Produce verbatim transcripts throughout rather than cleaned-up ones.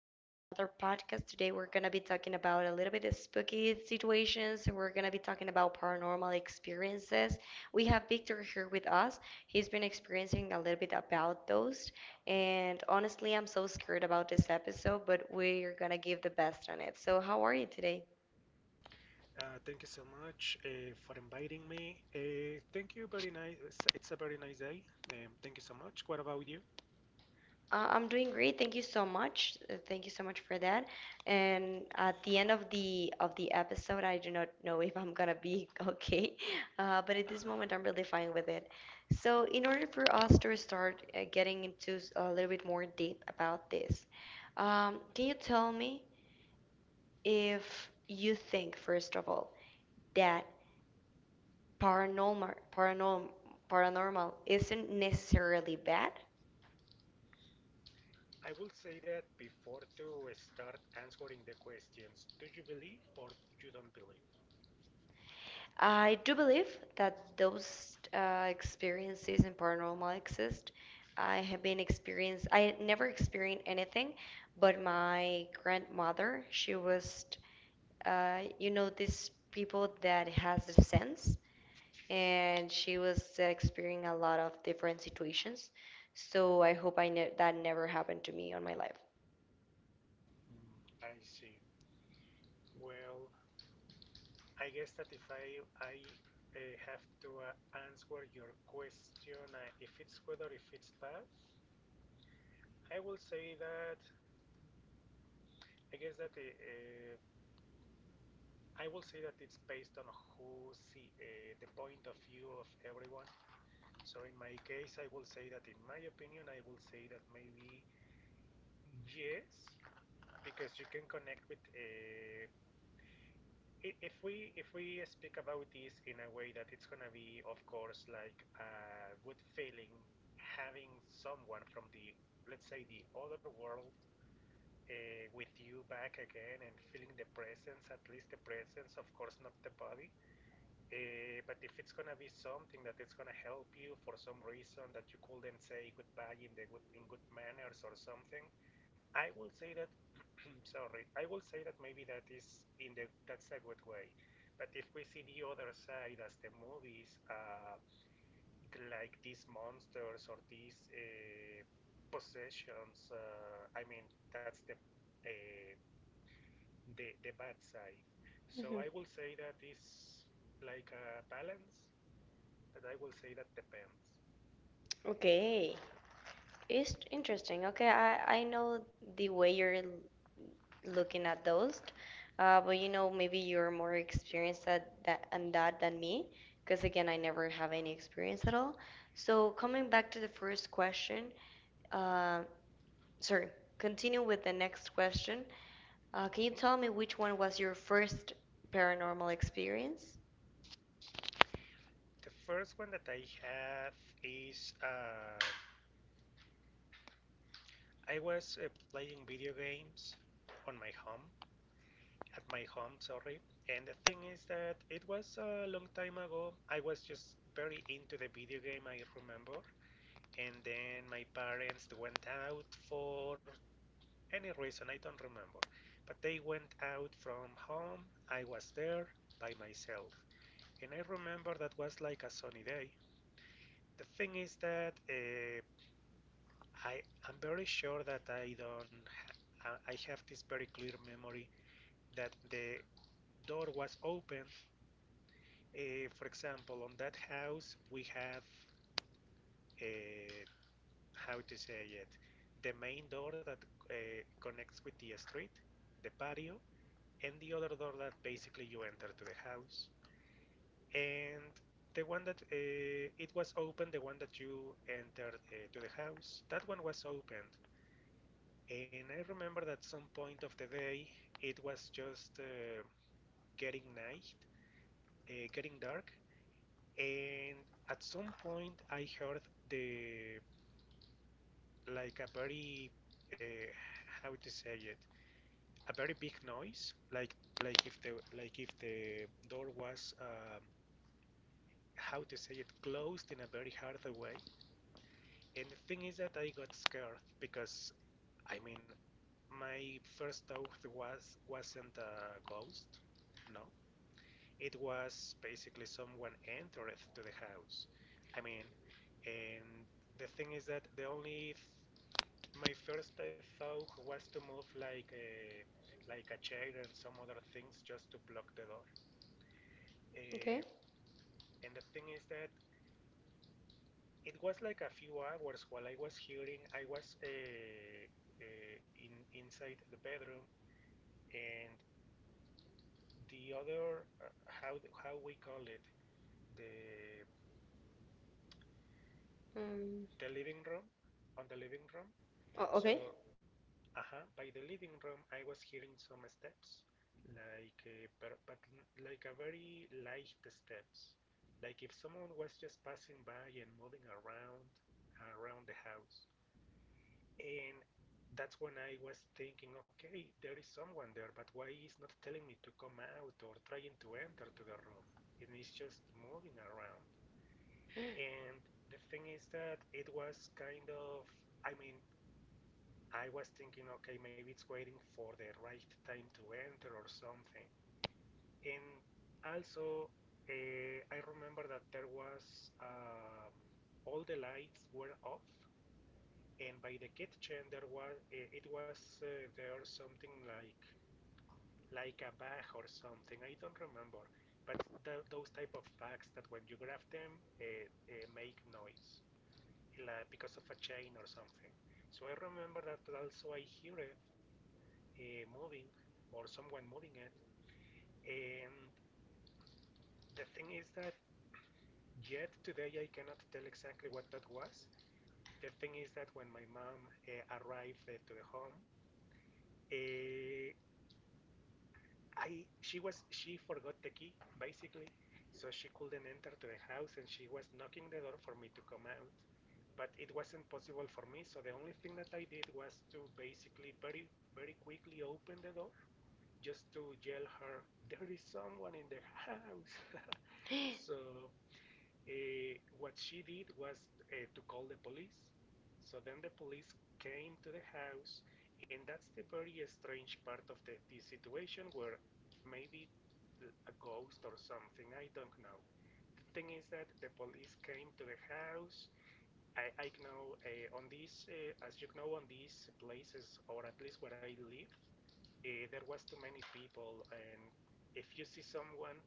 here on another podcast. Today we're going to be talking about a little bit of spooky situations. We're going to be talking about paranormal experiences. We have Victor here with us. He's been experiencing a little bit about those. And honestly, I'm so scared about this episode, but we're going to give the best on it. So, how are you today? Uh, thank you so much uh, for inviting me. Uh, thank you, very nice. It's, it's a very nice day. Um, thank you so much. What about you? Uh, I'm doing great. Thank you so much. Uh, Thank you so much for that. And at the end of the of the episode, I do not know if I'm gonna be okay, uh, but at this moment, I'm really fine with it. So, in order for us to start uh, getting into s- a little bit more deep about this, um, can you tell me if you think, first of all, that paranormal paranorm paranormal isn't necessarily bad? I will say that before to start answering the questions, do you believe or you don't believe? I do believe that those uh, experiences in paranormal exist. I have been experienced, I never experienced anything, but my grandmother, she was, uh, you know, these people that has the sense, and she was experiencing a lot of different situations. So I hope I ne that never happened to me on my life. Mm, I see. Well, I guess that if I I uh, have to uh, answer your question, uh, if it's good or if it's bad, I will say that I guess that uh, uh, I will say that it's based on who see uh, the point of view of everyone. So in my case, I will say that in my opinion, I will say that maybe yes, because you can connect with a If we if we speak about this in a way that it's gonna be, of course, like a good feeling having someone from the, let's say, the other world, uh, with you back again and feeling the presence, at least the presence, of course, not the body. Uh, but if it's gonna be something that is gonna help you for some reason that you couldn't say goodbye in the good in good manners or something, I will say that sorry, I will say that maybe that is in the that's a good way. But if we see the other side as the movies, uh, like these monsters or these uh, possessions, uh, I mean that's the uh, the the bad side. So Mhm. I will say that is like a balance, but I will say that depends. Okay. It's interesting. Okay, I I know the way you're l- looking at those, uh, but you know maybe you're more experienced at that and that than me, because again I never have any experience at all. So coming back to the first question, uh, sorry, continue with the next question. Uh, can you Mhm. tell me which one was your first paranormal experience? The first one that I have is um, I was uh, playing video games on my home, at my home, sorry. And the thing is that it was a long time ago. I was just very into the video game, I remember. And then my parents went out for any reason, I don't remember. But they went out from home. I was there by myself. And I remember that was like a sunny day. The thing is that uh, I am very sure that I don't. Ha- I have this very clear memory that the door was opened. Uh, for example, on that house we have, uh, how to say it, the main door that uh, connects with the street, the patio, and the other door that basically you enter to the house. And the one that uh, it was open, the one that you entered uh, to the house, that one was opened. And I remember that some point of the day it was just uh, getting night, uh, getting dark, and at some point I heard the, like a very, uh, how to say it, a very big noise like like if the, like if the door was, um how to say it, closed in a very hard way. And the thing is that I got scared because, I mean, my first thought was wasn't a ghost, no, it was basically someone entered to the house. I mean, and the thing is that the only my first uh, thought was to move like a, like a chair and some other things just to block the door. Okay. Uh, and the thing is that it was like a few hours while I was hearing. I was uh, uh, in inside the bedroom and the other uh, how how we call it, the Mm. the living room, on the living room. Oh, okay. So, uh, by the living room, I was hearing some steps, like uh, but, but like a very light steps, like if someone was just passing by and moving around around the house. And that's when I was thinking, okay, there is someone there, but why is not telling me to come out or trying to enter to the room? And it's just moving around. And the thing is that it was kind of, I mean, I was thinking, okay, maybe it's waiting for the right time to enter or something. And also, uh, I remember that there was uh, all the lights were off, and by the kitchen there was uh, it was uh, there something like like a bag or something. I don't remember, but th- those type of bags that when you grab them uh, uh, make noise, like because of a chain or something. So I remember that also I hear it uh, moving or someone moving it. And the thing is that yet today I cannot tell exactly what that was. The thing is that when my mom uh, arrived uh, to the home, uh, I she was she forgot the key basically, so she couldn't enter to the house and she was knocking the door for me to come out. But it wasn't possible for me, so the only thing that I did was to basically very very quickly open the door just to yell her, there is someone in the house. So uh, what she did was uh, to call the police. So then the police came to the house, and that's the very strange part of the, the situation where maybe a ghost or something, I don't know. The thing is that the police came to the house. I, I know uh, on this, uh, as you know, on these places, or at least where I live, uh, there was too many people, and if you see someone,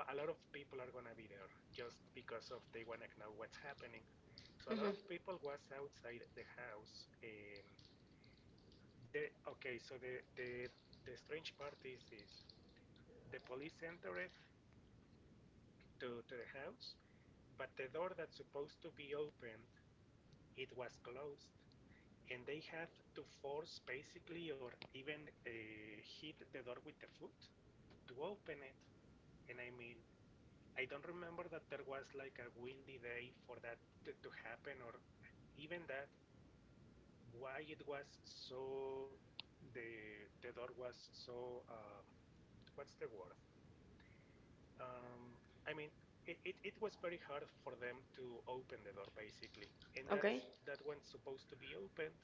a lot of people are gonna be there just because of they wanna know what's happening. So a lot of hmm people was outside the house, and the okay, so the the the strange part is this: the police entered to to the house, but the door that's supposed to be opened, it was closed. And they had to force basically or even uh, hit the door with the foot to open it. And I mean, I don't remember that there was like a windy day for that to, to happen or even that why it was so the the door was so um, what's the word, um, I mean it, it, it was very hard for them to open the door basically, and Okay. that's that one's supposed to be opened.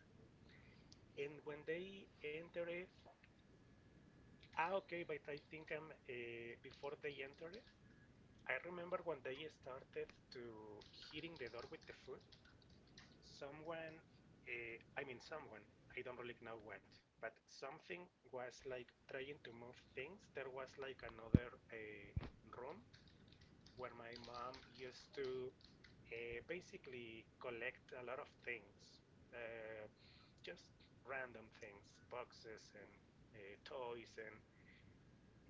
And when they enter it, ah, okay, but I think I'm uh, before they entered I remember when they started to hitting the door with the food. Someone, uh, I mean someone, I don't really know what, but something was like trying to move things. There was like another uh, room where my mom used to uh, basically collect a lot of things, uh, just random things, boxes and uh, toys and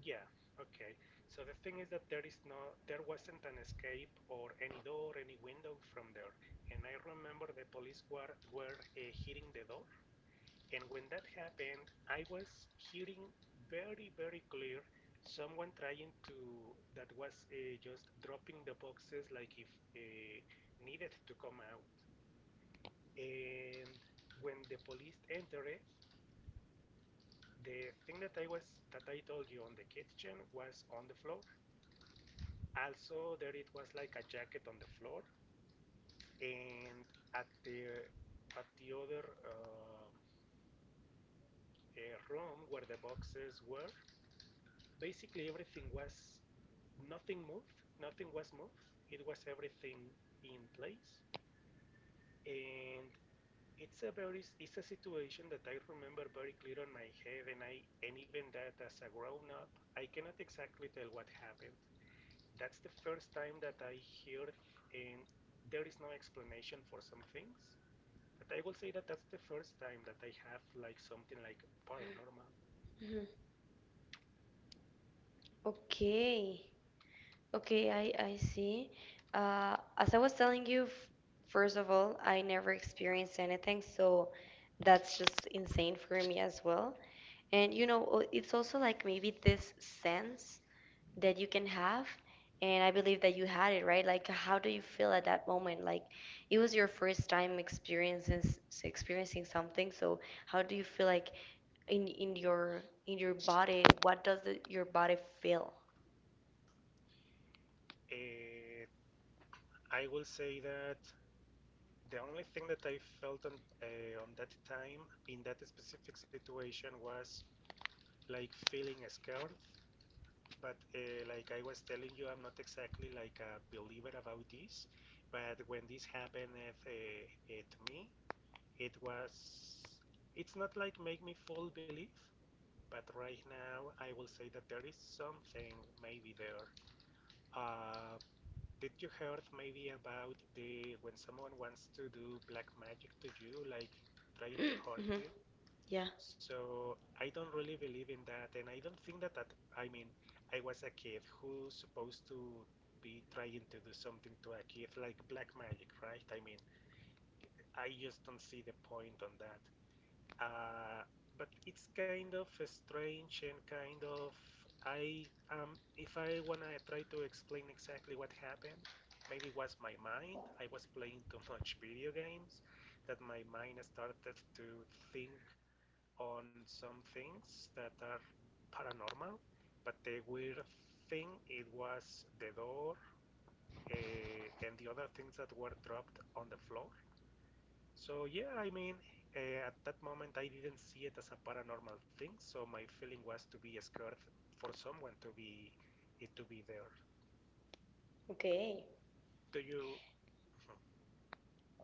yeah, okay. So the thing is that there is no, there wasn't an escape or any door, any window from there. And I remember the police were were uh, hitting the door. And when that happened, I was hearing very, very clear someone trying to, that was uh, just dropping the boxes like if uh, needed to come out. And when the police entered, the thing that I was that I told you on the kitchen was on the floor. Also, there it was like a jacket on the floor, and at the at the other uh, uh, room where the boxes were, basically everything was, nothing moved, nothing was moved. It was everything in place, and it's a very it's a situation that I remember very clear on my head, and I and even that as a grown up, I cannot exactly tell what happened. That's the first time that I hear, and there is no explanation for some things. But I will say that that's the first time that I have like something like paranormal. Mhm. Okay. Okay, I, I see. Uh, as I was telling you, f- first of all, I never experienced anything, so that's just insane for me as well. And you know, o- it's also like maybe this sense that you can have, and I believe that you had it, right? Like, how do you feel at that moment? Like, it was your first time experiencing s- experiencing something, so how do you feel like in in your in your body? What does the, your body feel? Uh, I will say that the only thing that I felt on, uh, on that time in that specific situation was like feeling scared. But uh, like I was telling you, I'm not exactly like a believer about this. But when this happened uh, uh, to me, it was, it's not like make me full belief, but right now I will say that there is something maybe there. uh, did you heard maybe about the when someone wants to do black magic to you like trying to hurt hmm you? Yeah. So I don't really believe in that and I don't think that that, I mean, I was a kid. Who's supposed to be trying to do something to a kid like black magic, right? I mean, I just don't see the point on that. uh, but it's kind of strange and kind of, I um if I wanna try to explain exactly what happened, maybe it was my mind. I was playing too much video games that my mind started to think on some things that are paranormal. But the weird thing it was the door uh, and the other things that were dropped on the floor. So yeah, I mean, uh, at that moment I didn't see it as a paranormal thing, so my feeling was to be scared for someone to be it to be there. Okay. Do you?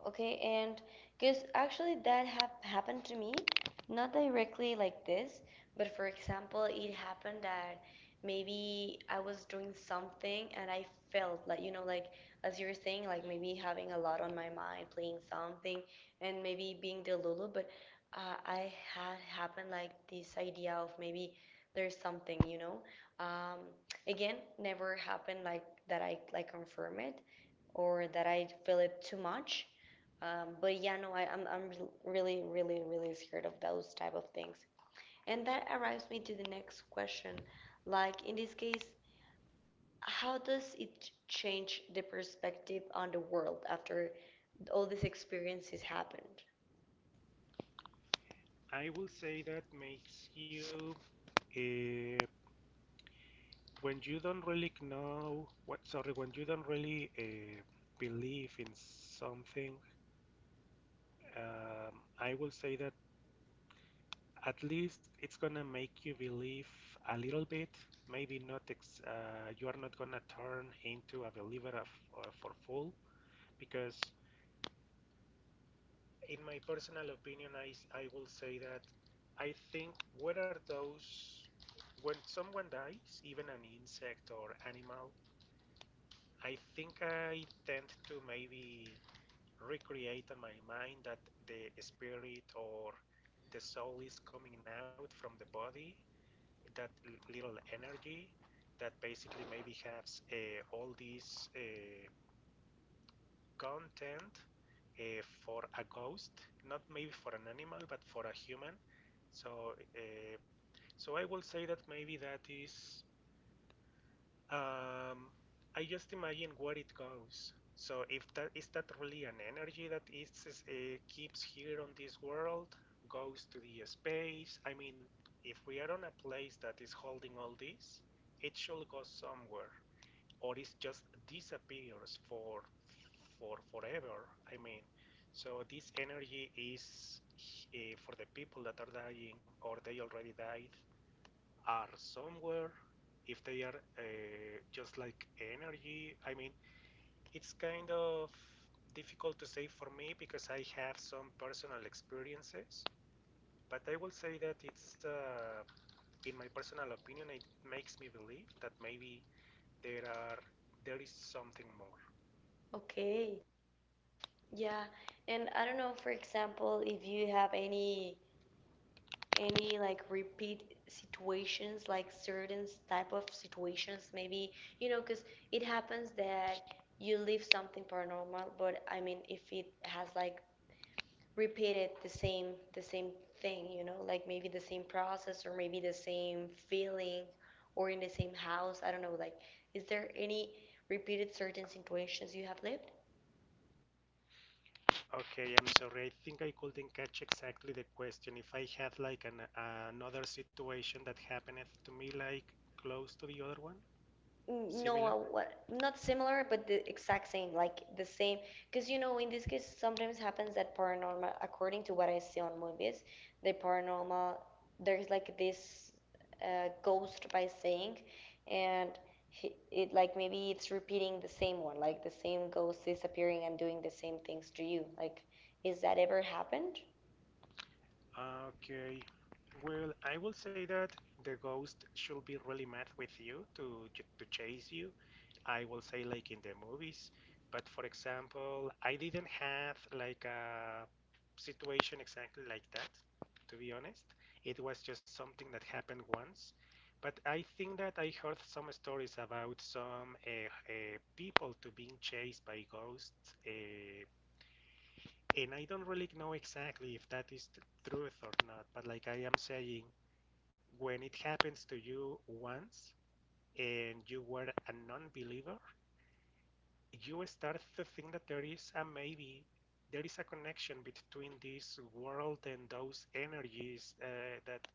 Okay, and because actually that have happened to me, not directly like this, but for example, it happened that maybe I was doing something and I felt like, you know, like as you were saying, like maybe having a lot on my mind, playing something, and maybe being delulu, but uh, I had happened like this idea of maybe there's something, you know. Um, Again, never happened like that I like confirm it or that I feel it too much. Um, but yeah, no, I, I'm I'm re- really really really scared of those type of things. And that arrives me to the next question. Like in this case, how does it change the perspective on the world after all these experiences happened? I will say that makes you uh, when you don't really know what. Sorry, when you don't really uh, believe in something, um, I will say that at least it's gonna make you believe a little bit. Maybe not ex- uh, you are not gonna turn into a believer of, uh, for full because in my personal opinion, I I will say that I think what are those when someone dies, even an insect or animal, I think I tend to maybe recreate in my mind that the spirit or the soul is coming out from the body, that little energy that basically maybe has uh, all this uh, content uh, for a ghost, not maybe for an animal, but for a human. So, uh, so I will say that maybe that is, um, I just imagine where it goes. So if that is that really an energy that is is, uh, keeps here on this world, goes to the space. I mean, if we are on a place that is holding all this, it should go somewhere, or it just disappears for for forever. I mean, so this energy is uh, for the people that are dying or they already died are somewhere, if they are uh, just like energy. I mean, it's kind of difficult to say for me because I have some personal experiences, but I will say that it's, uh, in my personal opinion, it makes me believe that maybe there are there is something more. Okay. Yeah. And I don't know, for example, if you have any any like repeat situations, like certain type of situations maybe, you know, because it happens that you live something paranormal, but I mean if it has like repeated the same the same thing, you know, like maybe the same process or maybe the same feeling or in the same house, I don't know, like, is there any repeated certain situations you have lived? Okay, I'm sorry. I think I couldn't catch exactly the question. If I had like an uh, another situation that happened to me like close to the other one, N- No, similar. uh, what, not similar, but the exact same, like the same. Because you know, in this case, sometimes happens that paranormal, according to what I see on movies, the paranormal, there's like this uh, ghost by saying, and he, it like maybe it's repeating the same one, like the same ghost is appearing and doing the same things to you. Like, is that ever happened? Okay. Well, I will say that the ghost should be really mad with you to to chase you. I will say like in the movies. But for example, I didn't have like a situation exactly like that, to be honest. It was just something that happened once. But I think that I heard some stories about some uh, uh, people to being chased by ghosts, uh, and I don't really know exactly if that is the truth or not, but like I am saying, when it happens to you once and you were a non believer, you start to think that there is a maybe, there is a connection between this world and those energies uh, that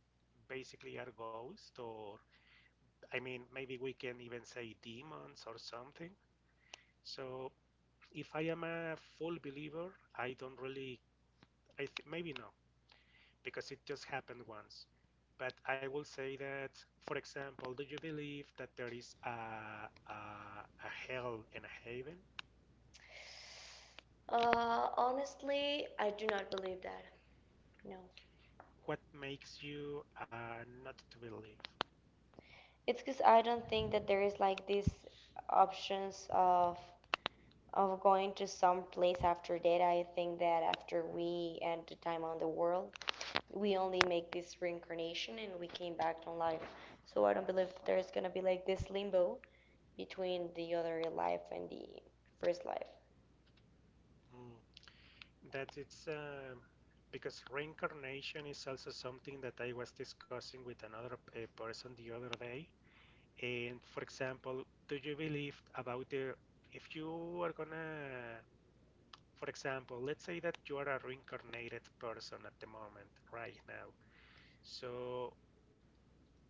basically are ghosts, or I mean, maybe we can even say demons or something. So if I am a full believer, I don't really, I th- maybe no, because it just happened once. But I will say that, for example, do you believe that there is a, a, a hell and a heaven? Uh, honestly, I do not believe that. No. What makes you uh, not to believe? It's because I don't think that there is like these options of of going to some place after that. I think that after we end the time on the world, we only make this reincarnation and we came back to life. So I don't believe that there's gonna be like this limbo between the other life and the first life. Mm. That it's, uh, because reincarnation is also something that I was discussing with another uh, person the other day. And for example, do you believe about the if you are gonna, for example, let's say that you are a reincarnated person at the moment, right now. So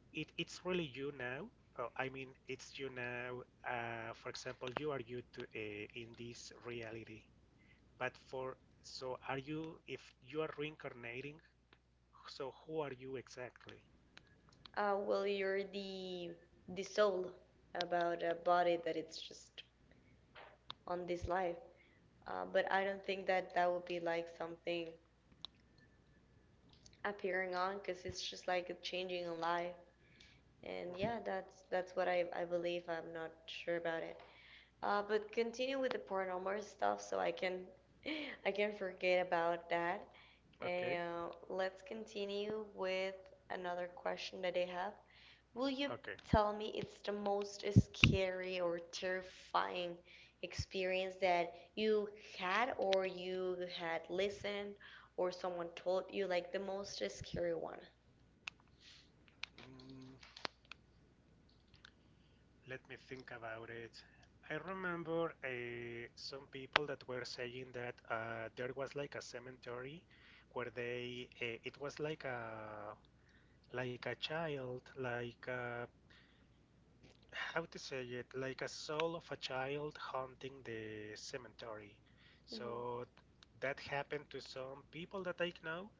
it, it's really you now. Uh, I mean, it's you now. Uh, for example, you are you to, uh, in this reality. But for so are you if you are reincarnating? So who are you exactly? Uh, well, you're the the soul about a body that it's just on this life. Uh, but I don't think that that would be like something appearing on because it's just like a changing a life, and Mhm. yeah, that's that's what i, I believe. I'm not sure about it, uh, but continue with the paranormal stuff so i can i can forget about that. Okay, And uh, let's continue with another question that they have. Will you okay. tell me it's the most scary or terrifying experience that you had or you had listened or someone told you, like the most scary one? Mm, let me think about it. I remember uh, some people that were saying that uh, there was like a cemetery where they uh, it was like a like a child, like a how to say it, like a soul of a child haunting the cemetery. Hmm. So that happened to some people that I know.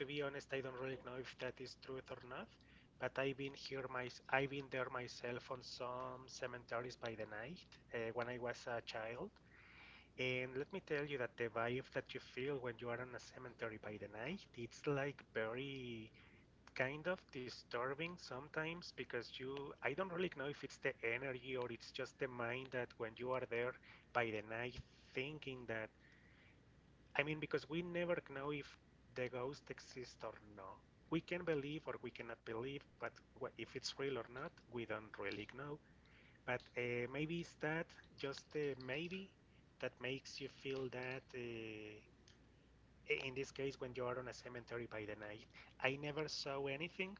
To be honest, I don't really know if that is truth or not. But I've been here my, I've been there myself on some cemeteries by the night, uh, when I was a child. And let me tell you that the vibe that you feel when you are on a cemetery by the night, it's like very kind of disturbing sometimes because you, I don't really know if it's the energy or it's just the mind that when you are there by the night thinking that, I mean because we never know if the ghost exists or no. We can believe or we cannot believe, but if it's real or not, we don't really know. But uh, maybe it's that, just uh, maybe that makes you feel that, uh, in this case when you are on a cemetery by the night, I never saw anything,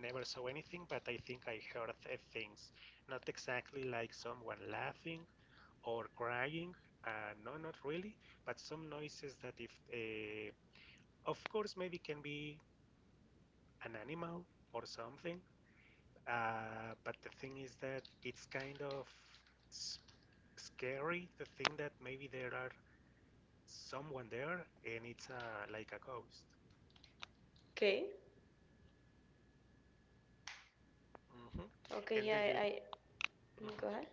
never saw anything but I think I heard, uh, things not exactly like someone laughing or crying, uh, no, not really, but some noises that if, uh, of course maybe can be an animal or something, uh, but the thing is that it's kind of scary to think that maybe there are someone there and it's, uh, like a ghost. Okay. Hmm. Okay, And do yeah, I, you, I mm, go ahead. mhm.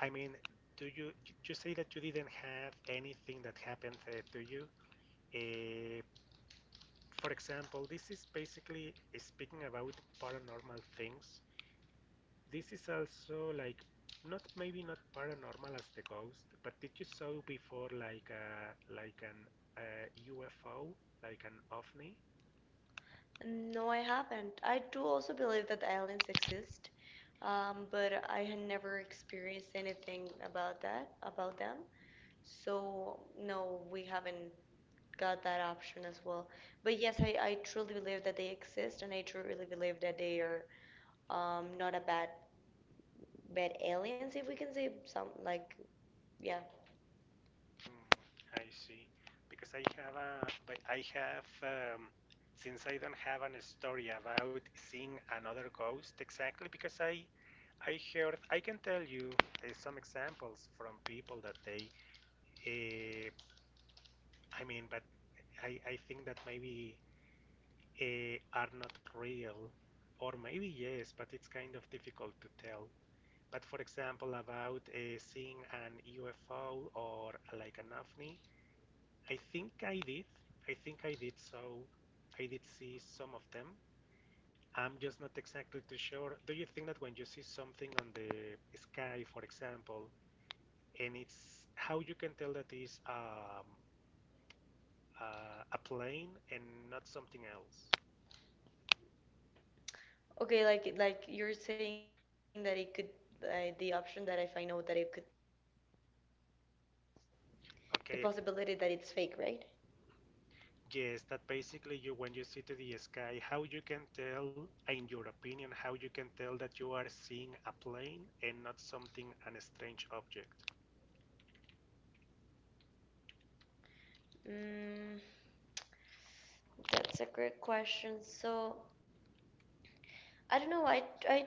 I mean, do you, you you say that you didn't have anything that happened uh, to you? Uh, for example, this is basically speaking about paranormal things. This is also like not maybe not paranormal as the ghost, but did you saw before like a like an uh, U F O, like an O V N I? No, I haven't. I do also believe that aliens exist, um, but I had never experienced anything about that, about them. So no, we haven't got that option as well. But yes, I, I truly believe that they exist, and I truly believe that they are um, not a bad bad aliens, if we can say some, like, yeah. Mm, I see. Because I have a, but I have, um, since I don't have an story about seeing another ghost exactly, because I, I heard, I can tell you uh, some examples from people that they, uh, I mean, but I, I think that maybe, uh, are not real, or maybe yes, but it's kind of difficult to tell. But for example, about uh, seeing an U F O or like an O V N I, I think I did. I think I did. So I did see some of them. I'm just not exactly too sure. Do you think that when you see something on the sky, for example, and it's how you can tell that is, um, uh, a plane and not something else? Okay, like like you're saying that it could uh, the option that if I know that it could the possibility that it's fake, right? Okay, yes, that basically you when you see to the sky, how you can tell, in your opinion, how you can tell that you are seeing a plane and not something an strange object. Mm, that's a great question. So I don't know. I I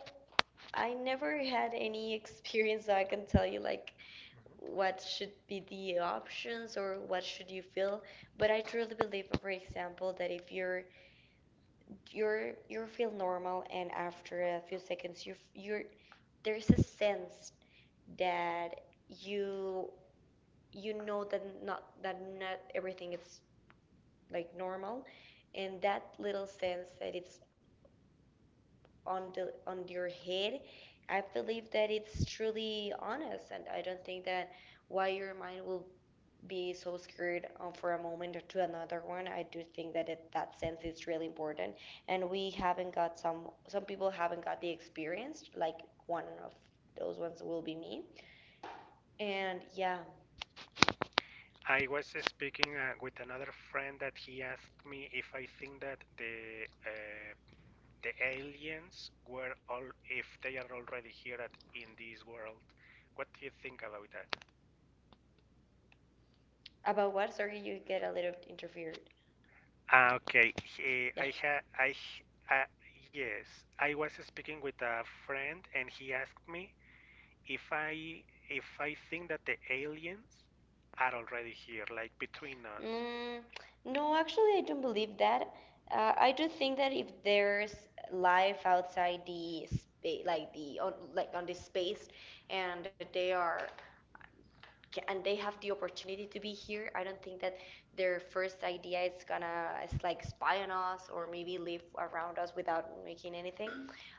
I never had any experience, so I can tell you like what Mm-hmm. should be the options or what should you feel. But I truly believe, for example, that if you're you're you feel normal and after a few seconds you you're there's a sense that you you know that not that not everything is like normal, and that little sense that it's on the on your head, i believe that it's truly honest, and i don't think that why your mind will be so scared um, for a moment or to another one. I do think that it, that sense is really important, and we haven't got some some people haven't got the experience, like one of those ones will be me, and yeah, I was speaking uh, with another friend that he asked me if I think that the uh, the aliens were all if they are already here at, in this world. What do you think about that? about what? Sorry, you get a little interfered. Ah, okay. He, Yeah. I ha I uh, yes, I was speaking with a friend and he asked me if I, if I think that the aliens are already here, like between us. Mm, no, actually, I don't believe that. Uh, I do think that if there's life outside the space, like the on, like on this space, and they are ca- and they have the opportunity to be here, I don't think that their first idea is gonna is like spy on us or maybe live around us without making anything.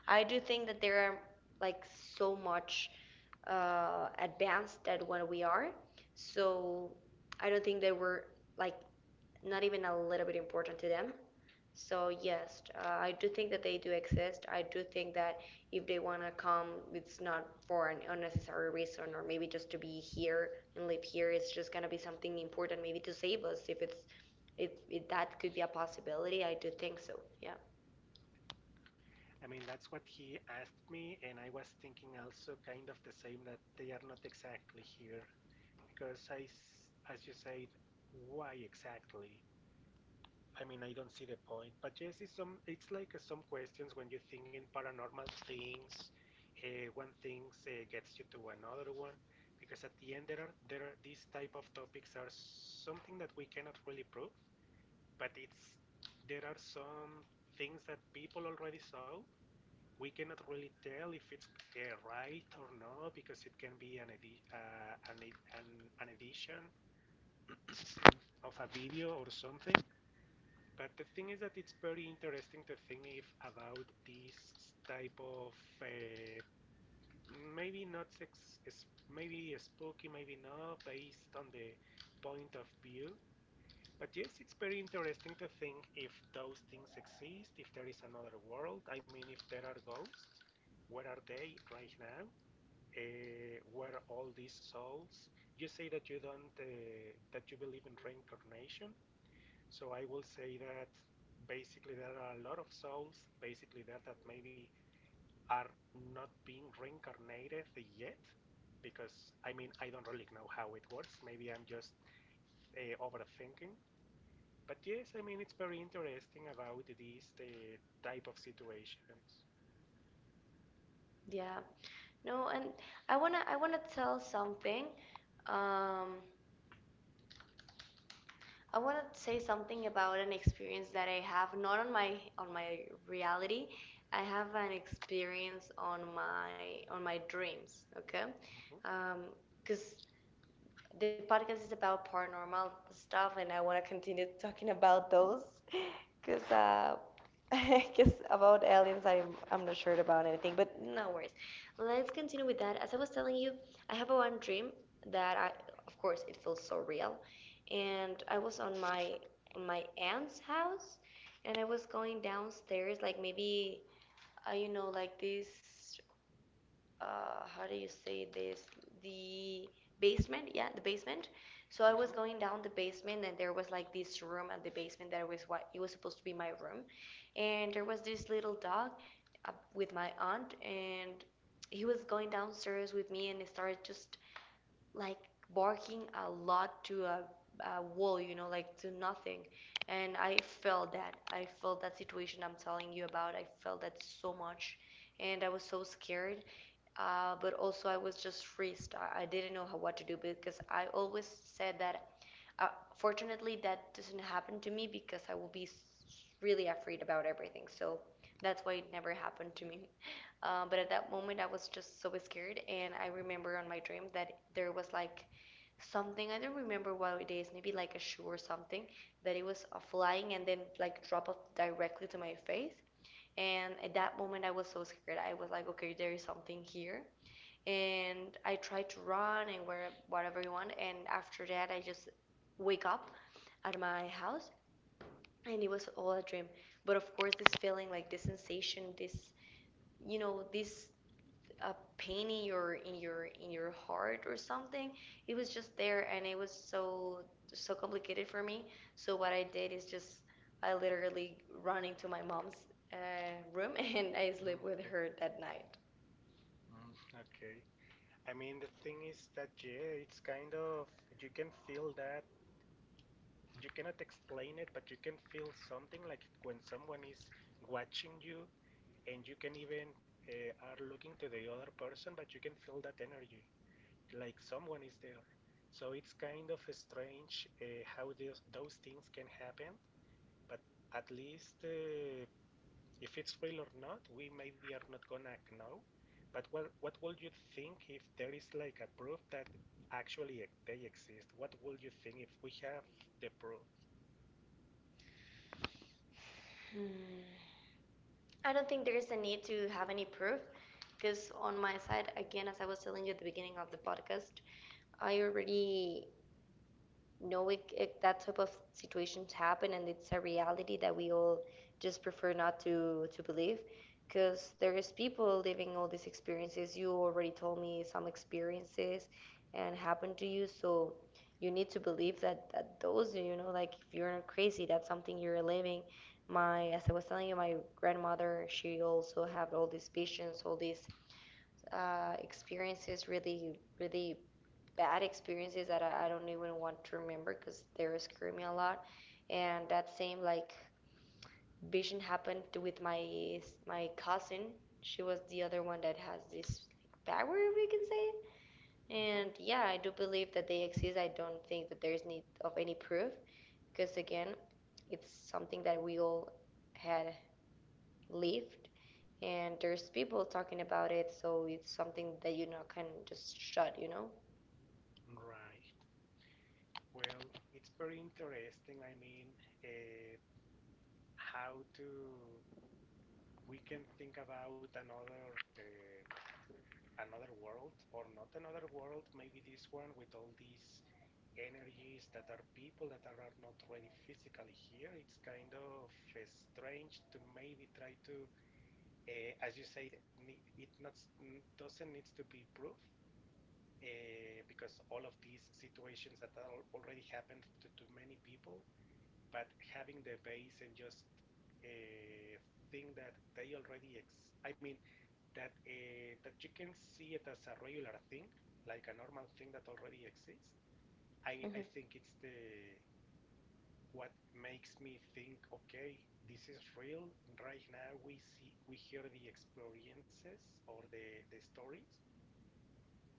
I do think that they are like so much uh, advanced that what we are. So I don't think they were like not even a little bit important to them. So yes, uh, I do think that they do exist. I do think that if they want to come, it's not for an unnecessary reason or maybe just to be here and live here. It's just gonna be something important, maybe to save us. If it's if, if that could be a possibility, I do think so. Yeah, I mean, that's what he asked me, and I was thinking also kind of the same that they are not exactly here. Because, I, as you said, why exactly? I mean, I don't see the point. But yes, it's, some, it's like uh, some questions when you think in paranormal things, uh, one thing uh, gets you to another one. Because at the end, there are, there are these type of topics are something that we cannot really prove, but it's there are some things that people already saw, we cannot really tell if it's uh, right or not because it can be an, edi- uh, an, e- an, an edition of a video or something. But the thing is that it's very interesting to think if about this type of uh, maybe not sex, is maybe spooky, maybe not, based on the point of view. But yes, it's very interesting to think if those things exist, if there is another world. I mean, if there are ghosts, where are they right now? Uh, were all these souls? You say that you don't, uh, that you believe in reincarnation, so I will say that basically there are a lot of souls basically there that maybe are not being reincarnated yet because I mean I don't really know how it works. Maybe I'm just uh, overthinking. But yes, I mean it's very interesting about these the type of situations. yeah. No, and I wanna I wanna tell something. Um, I want to say something about an experience that I have not on my on my reality. I have an experience on my on my dreams, okay? Hmm. Because the podcast is about paranormal stuff, and I want to continue talking about those. Cause Uh huh. uh, I guess about aliens, I'm I'm not sure about anything, but no worries. Let's continue with that. As I was telling you, I have one dream that I, of course, it feels so real, and I was on my on my aunt's house, and I was going downstairs, like maybe uh, you know, like this uh, how do you say this, the basement, yeah, the basement. So i was Hmm. going down the basement, and there was like this room at the basement that was what it was supposed to be my room. And there was this little dog uh, with my aunt, and he was going downstairs with me, and he started just like barking a lot to a, a wall, you know, like to nothing. And i felt that i felt that situation I'm telling you about. I felt that so much, and i was so scared, uh, but also I was just freezed. I, I didn't know how, what to do, because I always said that. Uh, fortunately, that doesn't happen to me because I will be really afraid about everything. So that's why it never happened to me. Uh, but at that moment, I was just so scared, and I remember on my dream that there was like something, I don't remember what it is, maybe like a shoe or something, that it was uh, flying and then like drop off directly to my face. And at that moment, I was so scared. I was like, okay, there is something here, and I try to run and wear whatever you want. And after that, I just wake up at my house, and it was all a dream. But of course, this feeling, like this sensation, this you know, this uh, pain in your in your in your heart or something, it was just there, and it was so so complicated for me. So what I did is just I literally run into my mom's uh, room and I sleep with Okay. her that night. Mm, okay. I mean, the thing is that, yeah, it's kind of, you can feel that, you cannot explain it, but you can feel something like when someone is watching you and you can even uh, are looking to the other person, but you can feel that energy, like someone is there. So it's kind of strange uh, how those those things can happen, but at least uh, if it's real or not, we maybe are not gonna know. But what what would you think if there is like a proof that actually e- they exist? What would you think if we have the proof? Hmm. I don't think there is a need to have any proof because, on my side, again, as I was telling you at the beginning of the podcast, I already no, it, it, that type of situations happen, and it's a reality that we all just prefer not to to believe, because there is people living all these experiences. You already told me some experiences and happened to you, so you need to believe that, that those, you know, like if you're not crazy, that's something you're living. My, as I was telling you, my grandmother, she also had all these visions, all these uh, experiences, really, really bad experiences that I, I don't even want to remember because they were screaming a lot. And that same like vision happened with my my cousin. She was the other one that has this like power, if we can say it. Mm-hmm. And yeah, I do believe that they exist. I don't think that there's need of any proof because again, it's something that we all had lived, and there's people talking about it, so it's something that you know can just shut, you know. Right. Well, it's very interesting. I mean, uh, how to, we can think about another uh, another world or not another world. Maybe this one with all these energies that are people that are not ready physically here. It's kind of uh, strange to maybe try to, uh, as you say, it not doesn't need to be proof, uh, because all of these situations that are already happened to, to many people, but having the base and just uh, think that they already ex- I mean that uh, that you can see it as a regular thing, like a normal thing that already exists. I, I Hmm. think it's the what makes me think, okay, this is real. Right now, we see, we hear the experiences or the the stories,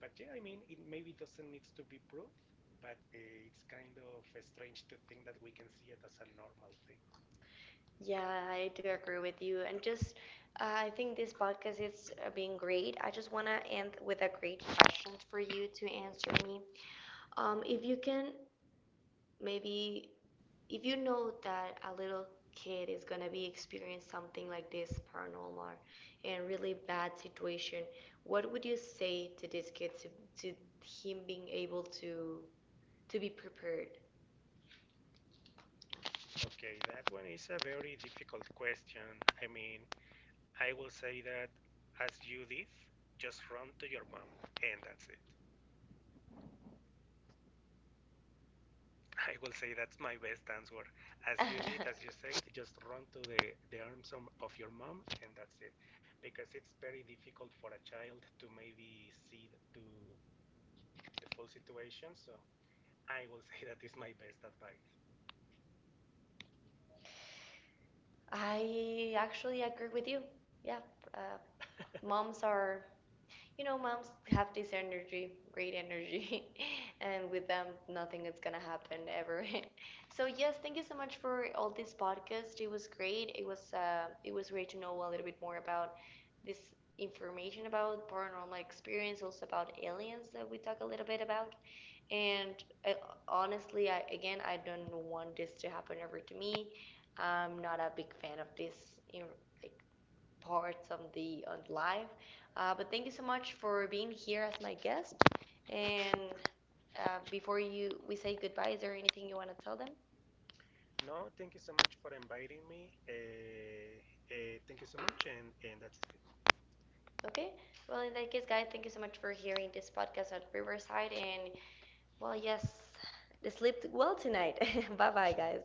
but yeah, I mean, it maybe doesn't need to be proved, but uh, it's kind of strange to think that we can see it as a normal thing. Yeah, I do agree with you. And just, uh, I think this podcast is uh, being great. I just want to end with a great question for you to answer me. Um, if you can, maybe, if you know that a little kid is going to be experiencing something like this paranormal or and really bad situation, what would you say to this kid to, to him being able to to be prepared? Okay, that one is a very difficult question. I mean, I will say that as you did, just run to your mom, and that's it. I will say that's my best answer. As you did, as you said, just run to the, the arms of your mom and that's it. Because it's very difficult for a child to maybe see th- to the full situation. So I will say that is my best advice. I actually agree with you. Yeah, uh, moms are you know, moms have this energy, great energy, and with them, nothing is gonna happen ever. So yes, thank you so much for all this podcast. It was great. It was uh, it was great to know a little bit more about this information about paranormal experience, also about aliens that we talk a little bit about. And uh, honestly, I again, I don't want this to happen ever to me. I'm not a big fan of this, you like parts on the on the live. Uh, but thank you so much for being here as my guest. And uh, before you we say goodbye, is there anything you want to tell them? No, thank you so much for inviting me. Uh, uh, thank you so much, and, and that's it. Okay. Well, in that case, guys, thank you so much for hearing this podcast at Riverside. And well, yes, sleep well tonight. bye, bye, guys.